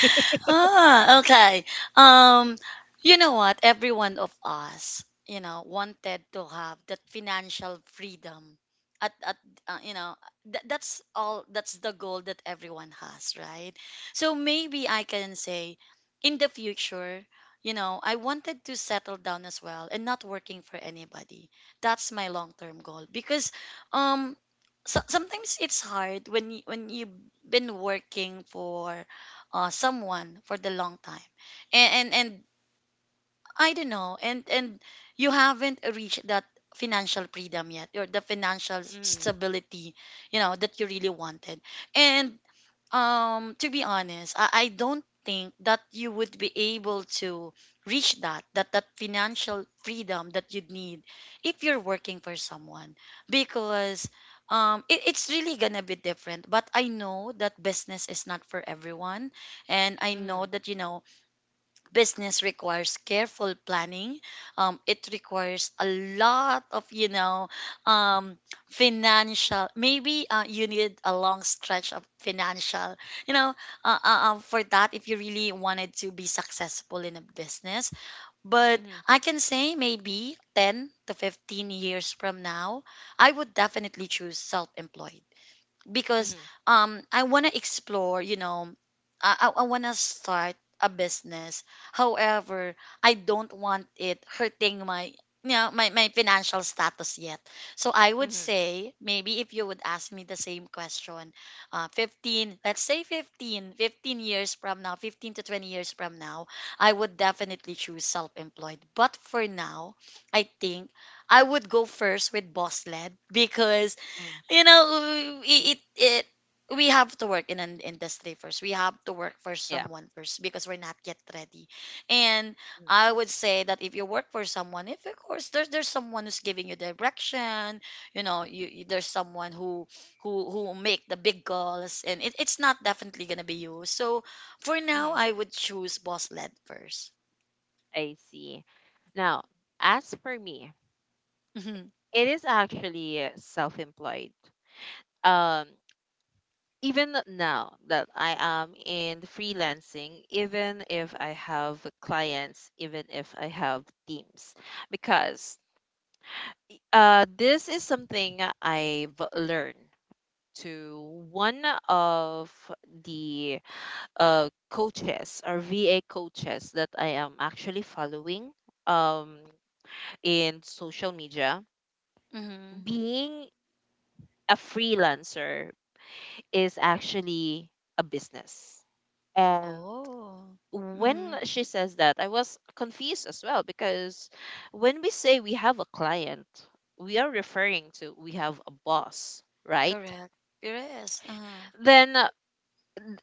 S2: Ah, okay. Um, you know what? Every one of us, you know, wanted to have that financial freedom. At you know, that's the goal that everyone has, right? So maybe I can say in the future, you know, I wanted to settle down as well and not working for anybody. That's my long term goal because um sometimes it's hard when you been working for someone for the long time, and I don't know, and you haven't reached that financial freedom yet or the financial
S1: Mm,
S2: stability you know that you really wanted. And to be honest, I don't think that you would be able to reach that financial freedom that you'd need if you're working for someone, because it's really gonna be different. But I know that business is not for everyone, and I
S1: mm,
S2: know that, you know, business requires careful planning. It requires a lot of, you know, um, financial, maybe you need a long stretch of financial, you know, for that if you really wanted to be successful in a business, but
S1: mm,
S2: I can say maybe 10 to 15 years from now, I would definitely choose self-employed because
S1: mm,
S2: I want to explore, you know, I want to start a business. However, I don't want it hurting my, you know, my financial status yet. So I would
S1: mm,
S2: say maybe if you would ask me the same question, 15, let's say fifteen years from now, 15 to 20 years from now, I would definitely choose self-employed. But for now, I think I would go first with boss led because,
S1: mm,
S2: you know, it we have to work in an industry first. We have to work for
S1: yeah.
S2: someone first because we're not yet ready. And
S1: Mm-hmm.
S2: I would say that if you work for someone, if of course there's someone who's giving you direction, you know, there's someone who make the big goals, and it's not definitely gonna be you. So for now
S1: Mm-hmm.
S2: I would choose boss led first.
S1: I see. Now, as for me,
S2: Mm-hmm.
S1: it is actually self-employed. Um, Even now that I am in freelancing, even if I have clients, even if I have teams, because this is something I've learned to one of the coaches or VA coaches that I am actually following, um, in social media
S2: Mm-hmm.
S1: being a freelancer is actually a business. And
S2: Oh,
S1: when
S2: mm-hmm.
S1: she says that, I was confused as well because when we say we have a client, we are referring to we have a boss, right?
S2: Correct, yes, uh-huh.
S1: Then uh,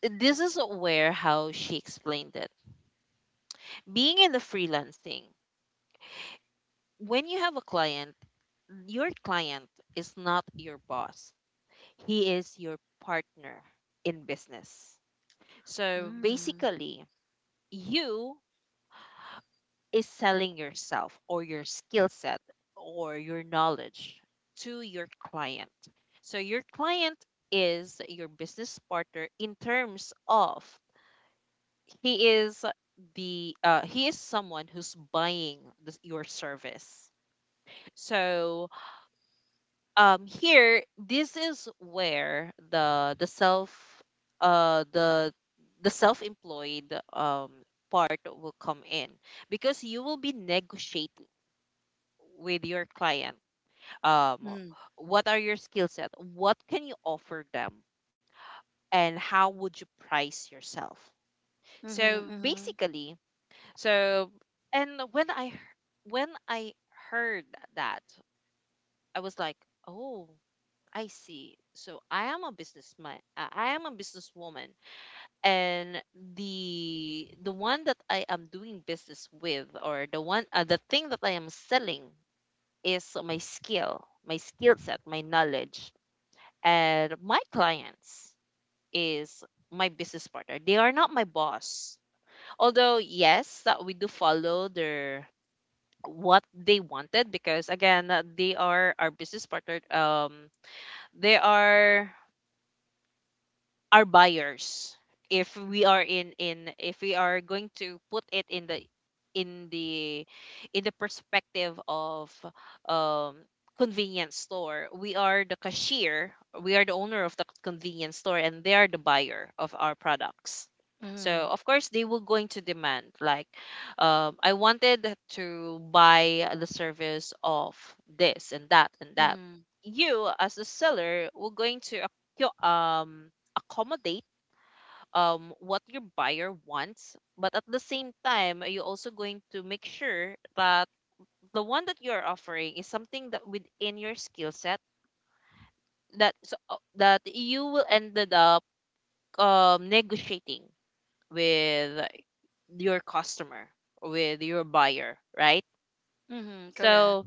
S1: th- this is where how she explained it. Being in the freelancing, when you have a client, your client is not your boss. He is your partner in business. So basically, you is selling yourself or your skill set or your knowledge to your client. So your client is your business partner in terms of he is the he is someone who's buying this, your service. So here this is where uh the the self-employed part will come in because you will be negotiating with your client, um
S2: Mm.
S1: what are your skill set, what can you offer them, and how would you price yourself?
S2: Mhm,
S1: So
S2: mhm,
S1: basically, so and when I heard that, I was like, oh, I see. So I am a businessman. I am a businesswoman, and the one that I am doing business with, or the thing that I am selling, is my skill set, my knowledge, and my clients is my business partner. They are not my boss. Although yes, that we do follow their what they wanted because again, they are our business partner. They are our buyers, if we are in if we are going to put it in in the the perspective of um convenience store, we are the cashier, we are the owner of the convenience store, and they are the buyer of our products. So
S2: mhm,
S1: of course they were going to demand like, I wanted to buy the service of this and that and that.
S2: mhm,
S1: You as the seller were going to accommodate, what your buyer wants, but at the same time, you're also going to make sure that the one that you're offering is something that within your skill set, that you will ended up, negotiating with your customer, with your buyer, right?
S2: mhm, correct.
S1: So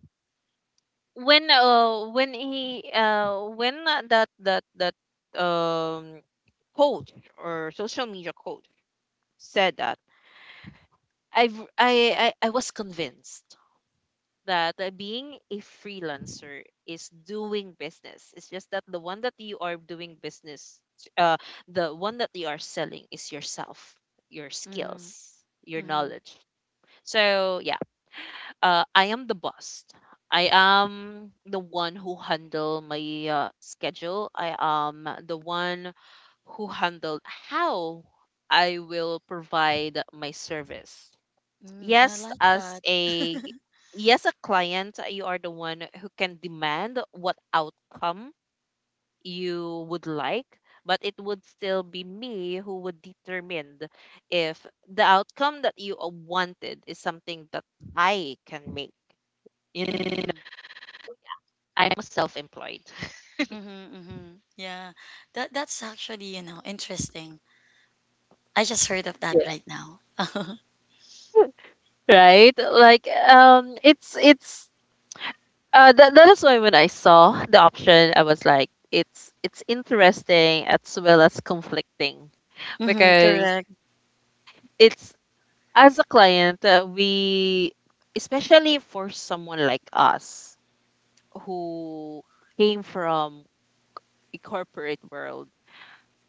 S1: when he when that that um coach or social media coach said that, I've I was convinced that, being a freelancer is doing business. It's just that uh, the one that you are selling is yourself, your skills,
S2: Mhm,
S1: your
S2: mhm,
S1: knowledge. So yeah, I am the boss. I am the one who handle my schedule. I am the one who handled how I will provide my service.
S2: mhm. I
S1: Yes,
S2: like
S1: as
S2: that.
S1: a yes, a client, you are the one who can demand what outcome you would like, but it would still be me who would determine if the outcome that you, wanted is something that I can make, you know,
S2: Mhm,
S1: I'm self-employed.
S2: mhm, mhm. Yeah, that's actually, you know, interesting. I just heard of that
S1: Yeah.
S2: right now.
S1: Right, like, that is why when I saw the option I was like, it's interesting as well as conflicting.
S2: Mhm,
S1: Because
S2: correct.
S1: it's, as a client, we, especially for someone like us who came from a corporate world,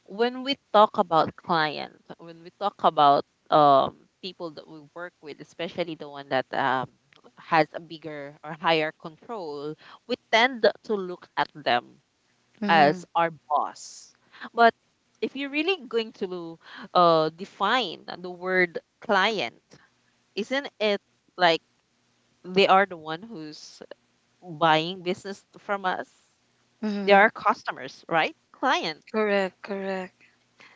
S1: when we talk about client, when we talk about um people that we work with, especially the one that has a bigger or higher control, we tend to look at them
S2: Mhm,
S1: as our boss. But if you're really going to, define the word client, isn't it like they are the one who's buying business from us? They
S2: mhm,
S1: are customers, right? Client.
S2: correct, correct.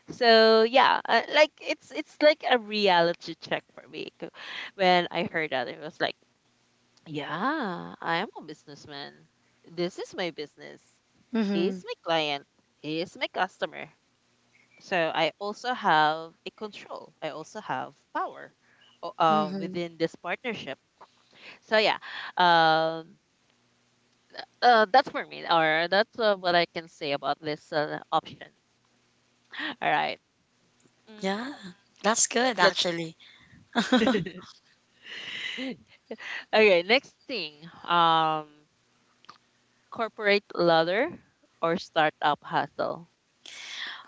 S1: So yeah, like it's like a reality check for me 'cause when I heard that, it was like, yeah, I am a businessman, this is my business,
S2: Mhm,
S1: he's my client, he is my customer. So I also have a control, I also have power,
S2: mhm.
S1: within this partnership. So yeah. um that's for me, or that's, what I can say about this, option. All right.
S2: Yeah,
S1: Mm,
S2: that's good
S1: let's.
S2: actually.
S1: Okay, next thing. Corporate ladder or startup hustle.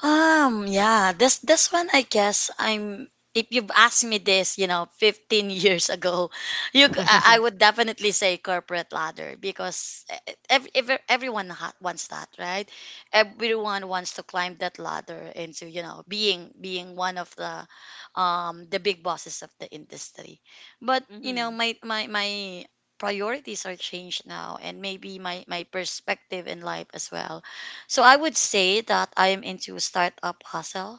S2: Yeah, this one I guess I'm if you've asked me this, you know, 15 years ago, you c- I would definitely say corporate ladder because everyone wants that, right? Everyone wants to climb that ladder into, you know, being one of the big bosses of the industry. But, you know,
S1: Mm-hmm.
S2: my priorities are changed now, and maybe my perspective in life as well, so I would say that I am into startup hustle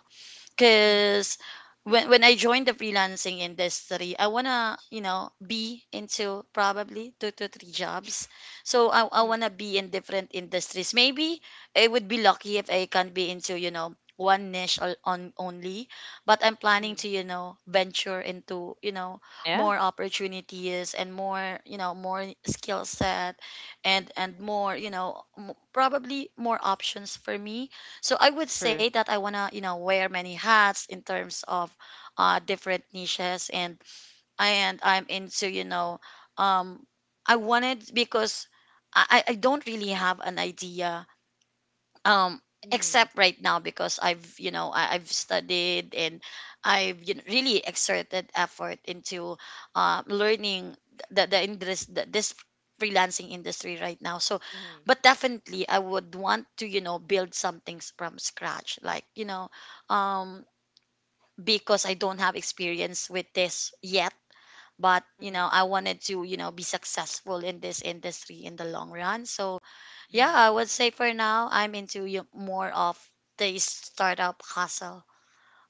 S1: Mm-hmm.
S2: because when I joined the freelancing industry, I wanna, you know, be into probably two to three jobs. So I
S1: Mm-hmm.
S2: wanna be in different industries. Maybe I would be lucky if I can be into, you know, one niche on only, but I'm planning
S1: Mm-hmm.
S2: to, you know, venture into, you know,
S1: Yeah,
S2: more opportunities and more, you know, more skill set, and more, you know, probably more options for me, so I would say
S1: true.
S2: that I wanna, you know, wear many hats in terms of different niches, and I'm into, you know, um, I wanted because I don't really have an idea, um
S1: Mm-hmm.
S2: except right now because I've, you know, I've studied and I've, you know, really exerted effort into learning the indus- the this freelancing industry right now. So,
S1: Mm-hmm.
S2: but definitely I would want to, you know, build some things from scratch, like, you know, um because I don't have experience with this yet, but, you know,
S1: Mm-hmm.
S2: I wanted to, you know, be successful in this industry in the long run. So yeah,
S1: Mm-hmm.
S2: I would say for now I'm into more of the startup hustle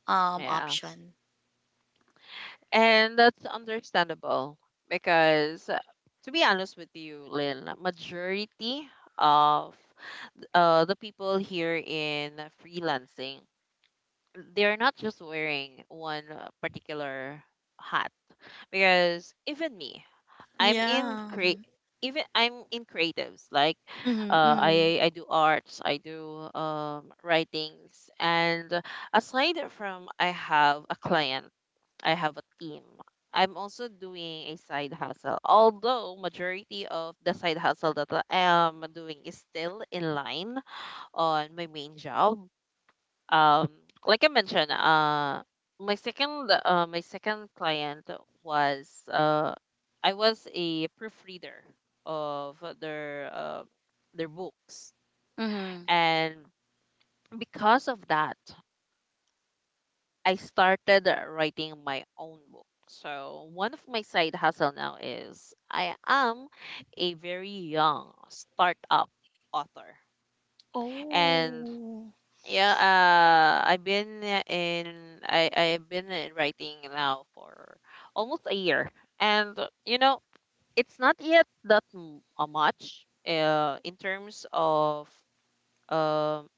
S1: Yeah.
S2: option.
S1: And that's understandable because, to be honest with you, Lynn, majority of, the people here in freelancing, they're not just wearing one, particular hat because even me, I'm in
S2: Yeah.
S1: create. Even I'm in creatives, like,
S2: Hmm, hmm,
S1: I do arts, I do, writings, and aside from I have a client, I have a team. I'm also doing a side hustle. Although majority of the side hustle that I am doing is still in line on my main job. Um, like I mentioned, my second client was, I was a proofreader of their books,
S2: hmm.
S1: and because of that, I started writing my own book. So one of my side hustle now is I am a very young startup author, and
S2: Oh,
S1: yeah, I've been, in writing now for almost a year, and it's not yet that much, in terms of, um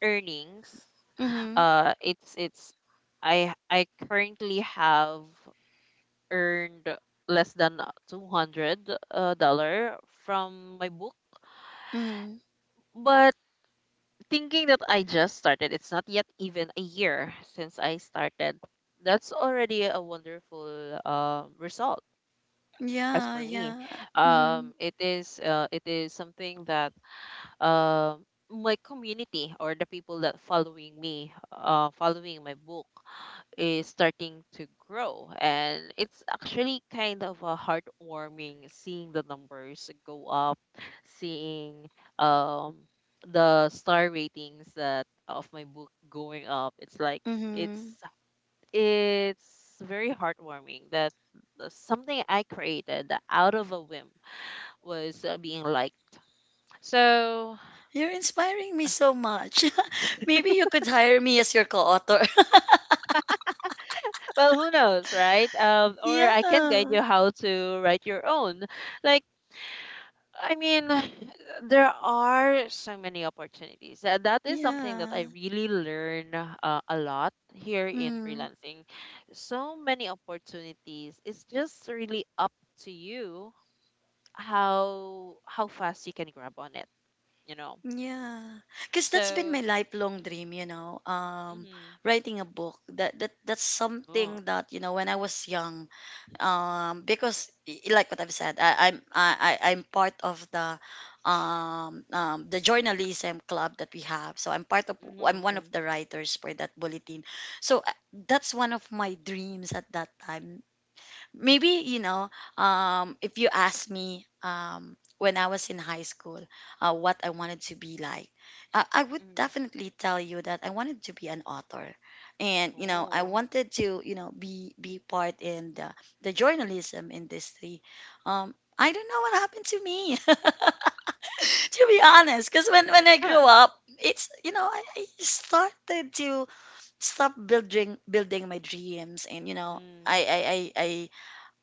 S1: earnings.
S2: hmm,
S1: It's I currently have earned less than 200, dollar from my book.
S2: hmm.
S1: Thinking that I just started, it's not yet even a year since I started. That's already a wonderful, result. As
S2: Yeah,
S1: for me,
S2: yeah. Hmm,
S1: it is, it is something that, my community or the people that following me, following my book, is starting to grow, and it's actually kind of a heartwarming seeing the numbers go up, seeing, um the star ratings that of my book going up. It's like
S2: hmm.
S1: it's it's very heartwarming that something I created out of a whim was, being liked. So,
S2: You're inspiring me so much. Maybe you could hire me as your co-author.
S1: well, who knows, right? Or I can guide
S2: Yeah,
S1: you how to write your own, like, I mean, there are so many opportunities. That is something that I
S2: yeah.
S1: really learn, a lot here in
S2: Mm.
S1: freelancing. So many opportunities. It's just really up to you how fast you can grab on it, you know.
S2: Yeah, because that's been my
S1: So,
S2: lifelong dream, you know,
S1: mm-hmm.
S2: writing a book. That's
S1: Oh,
S2: something that, you know, when I was young, because like what I've said, I- I'm part of the the journalism club that we have. So I'm
S1: mm-hmm.
S2: one of the writers for that bulletin. So that's one of my dreams at that time. Maybe, you know, if you ask me, when I was in high school, what I wanted to be like, I would
S1: Mm-hmm.
S2: definitely tell you that I wanted to be an author, and, you know, I
S1: Oh.
S2: wanted to, you know, be part in the journalism industry. um I don't know what happened to me. To be honest, because when I
S1: Huh.
S2: grew up, it's, you know, I started to stop building my dreams, and you know,
S1: Mm.
S2: I, I, I,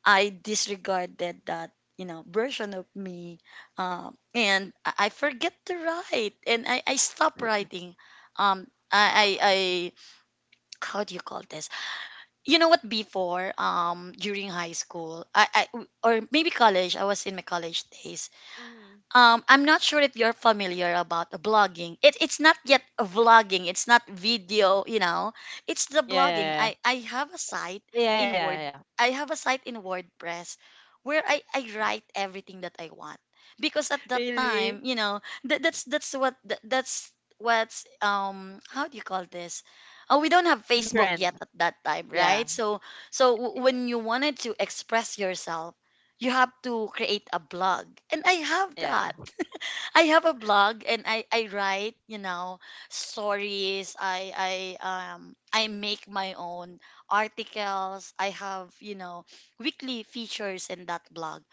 S2: I disregarded that, you know, version of me. And I forget to write, and I stopped writing. Um, I,
S1: Ah.
S2: I, I, how do you call this? You know what, before, during high school, or maybe college, I was in my college days.
S1: Mm-hmm.
S2: I'm not sure if you're familiar about blogging. It's not yet a vlogging. It's not video. You know, it's the
S1: Yeah,
S2: blogging.
S1: yeah, yeah.
S2: I have a site
S1: Yeah, yeah, yeah, yeah,
S2: in
S1: yeah,
S2: Word.
S1: yeah.
S2: I have a site in WordPress where I write everything that I want, because at that
S1: Really?
S2: time, you know, that's what that's what's how do you call this? Oh, we don't have
S1: In
S2: Facebook
S1: trend.
S2: yet at that time,
S1: Yeah.
S2: right? So so
S1: y-
S2: w- when you wanted to express yourself, you have to create a blog, and
S1: Yeah.
S2: I have a blog, and I write, you know, stories. I make my own articles. I have, you know, weekly features in that blog.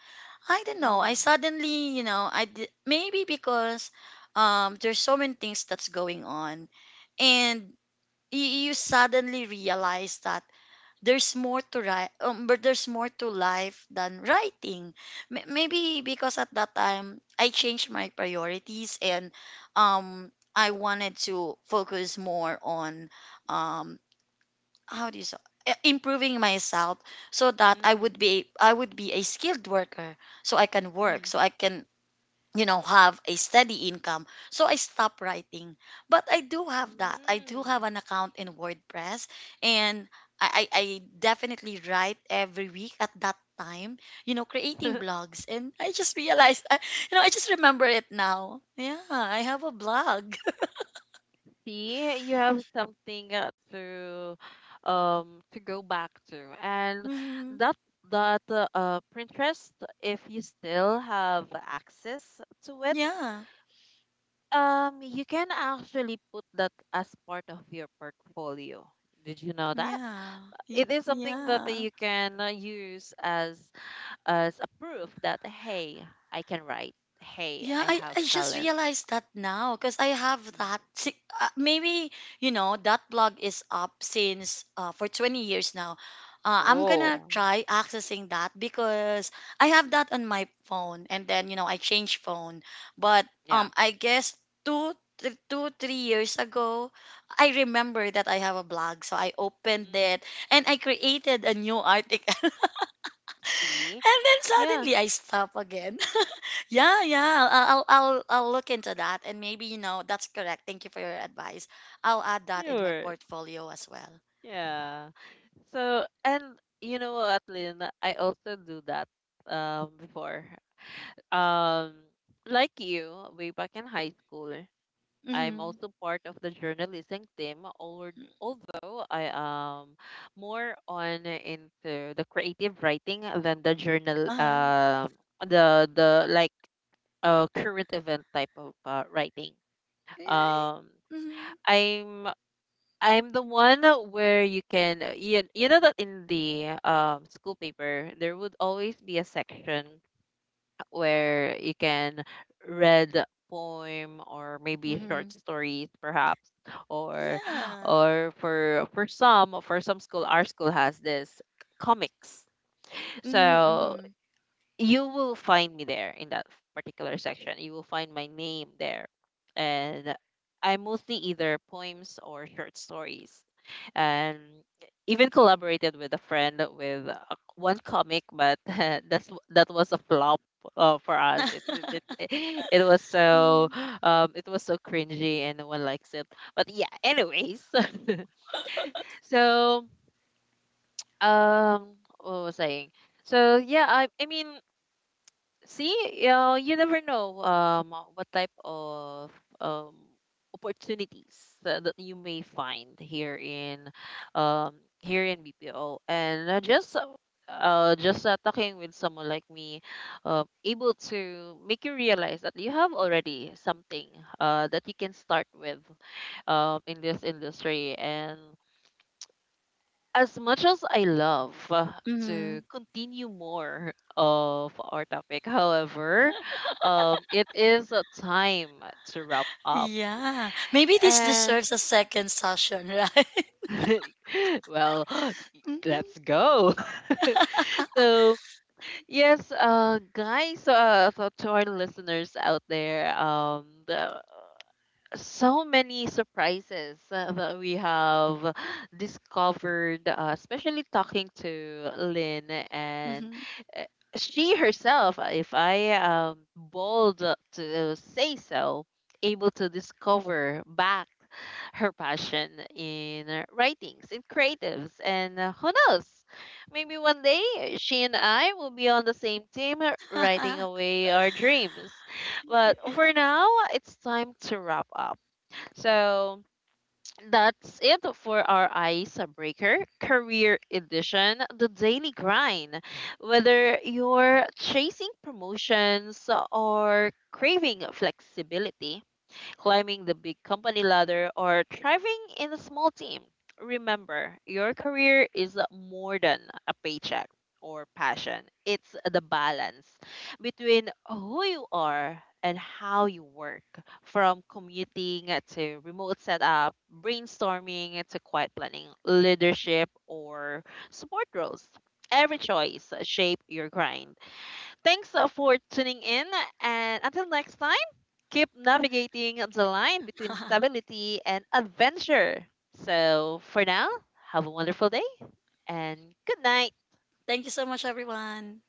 S2: I don't know. I
S1: Mm.
S2: suddenly, you know, maybe because there's so many things that's going on, and you suddenly realize that there's more to write, but there's more to life than writing. Maybe because at that time I changed my priorities, and I wanted to focus more on, um how do you say, improving myself so that
S1: Mm.
S2: I would be a skilled worker, so I can work
S1: Mhm.
S2: so I can, you know, have a steady income. So I stopped writing, but I do have
S1: Mm.
S2: an account in WordPress, and I definitely write every week at that time, you know, creating blogs. And I just realized I, you know, I just remember it now. Yeah, I have a blog.
S1: See, you have something, to, to go back to. And
S2: Hmm.
S1: that that Pinterest, if you still have access to it,
S2: Yeah,
S1: you can actually put that as part of your portfolio. Did you know that?
S2: yeah.
S1: It is something that
S2: Yeah.
S1: you can, use as a proof that hey, I can write. Hey,
S2: Yeah,
S1: I
S2: I,
S1: have
S2: I just
S1: talent.
S2: realized that now because I have that. Maybe, you know, that blog is up since for 20 years now. I'm gonna
S1: Oh,
S2: try accessing that because I have that on my phone, and then, you know, I changed phone. But
S1: yeah.
S2: I guess two, 3 years ago, I remember that I have a blog. So I opened
S1: Mm.
S2: it and I created a new article.
S1: See?
S2: And then
S1: Yeah,
S2: suddenly I stop again. Yeah, yeah. I'll look into that, and maybe, you know, that's correct. Thank you for your advice. I'll add that in my
S1: sure,
S2: portfolio as well.
S1: yeah. So, and you know what, Lynn? I also do that, before. Um, like you, way back in high school, I'm
S2: Mm-hmm.
S1: also part of the journalism team, or although I am more on into the creative writing than the journal
S2: Uh huh.
S1: the like current event type of, writing.
S2: Right.
S1: Um
S2: Mm-hmm.
S1: I'm I'm the one where you can, you know that in the, school paper there would always be a section where you can read poem or maybe short
S2: Mm-hmm.
S1: stories perhaps, or
S2: Yeah.
S1: or for some school. Our school has this comics,
S2: Mm-hmm.
S1: so
S2: Mm-hmm.
S1: you will find me there in that particular section. You will find my name there. And I mostly either poems or short stories. And even collaborated with a friend with a, one comic, but that was a flop, for us. It it was so cringy, and no one likes it. But yeah, anyways. So, what was I saying? So yeah, I mean, see, you never know, what type of, um opportunities that, you may find here in, here in BPO and, just talking with someone like me, able to make you realize that you have already something, that you can start with, in this industry, and as much as I love,
S2: Mm-hmm.
S1: to continue more of our topic. However, it is a time to wrap up.
S2: Yeah. Maybe this
S1: And
S2: deserves a second session, right?
S1: well, let's go. So yes, guys, so to our listeners out there, so many surprises, that we have discovered, especially talking to Lynn
S2: Mm-hmm.
S1: and,
S2: Mm-hmm.
S1: uh, she herself, if I am bold to say so, able to discover back her passion in, writings, in creatives, and, who knows? Maybe one day she and I will be on the same team, writing away our dreams. But
S2: Yeah.
S1: for now, it's time to wrap up. So that's it for our icebreaker career edition, the daily grind. Whether you're chasing promotions or craving flexibility, climbing the big company ladder, or thriving in a small team. Remember, your career is more than a paycheck or passion. It's the balance between who you are and how you work, from commuting to remote setup, brainstorming to quiet planning, leadership, or support roles. Every choice shape your grind. Thanks, for tuning in, and until next time keep navigating the line between stability and adventure. So, for now, have a wonderful day and good night.
S2: Thank you so much, everyone.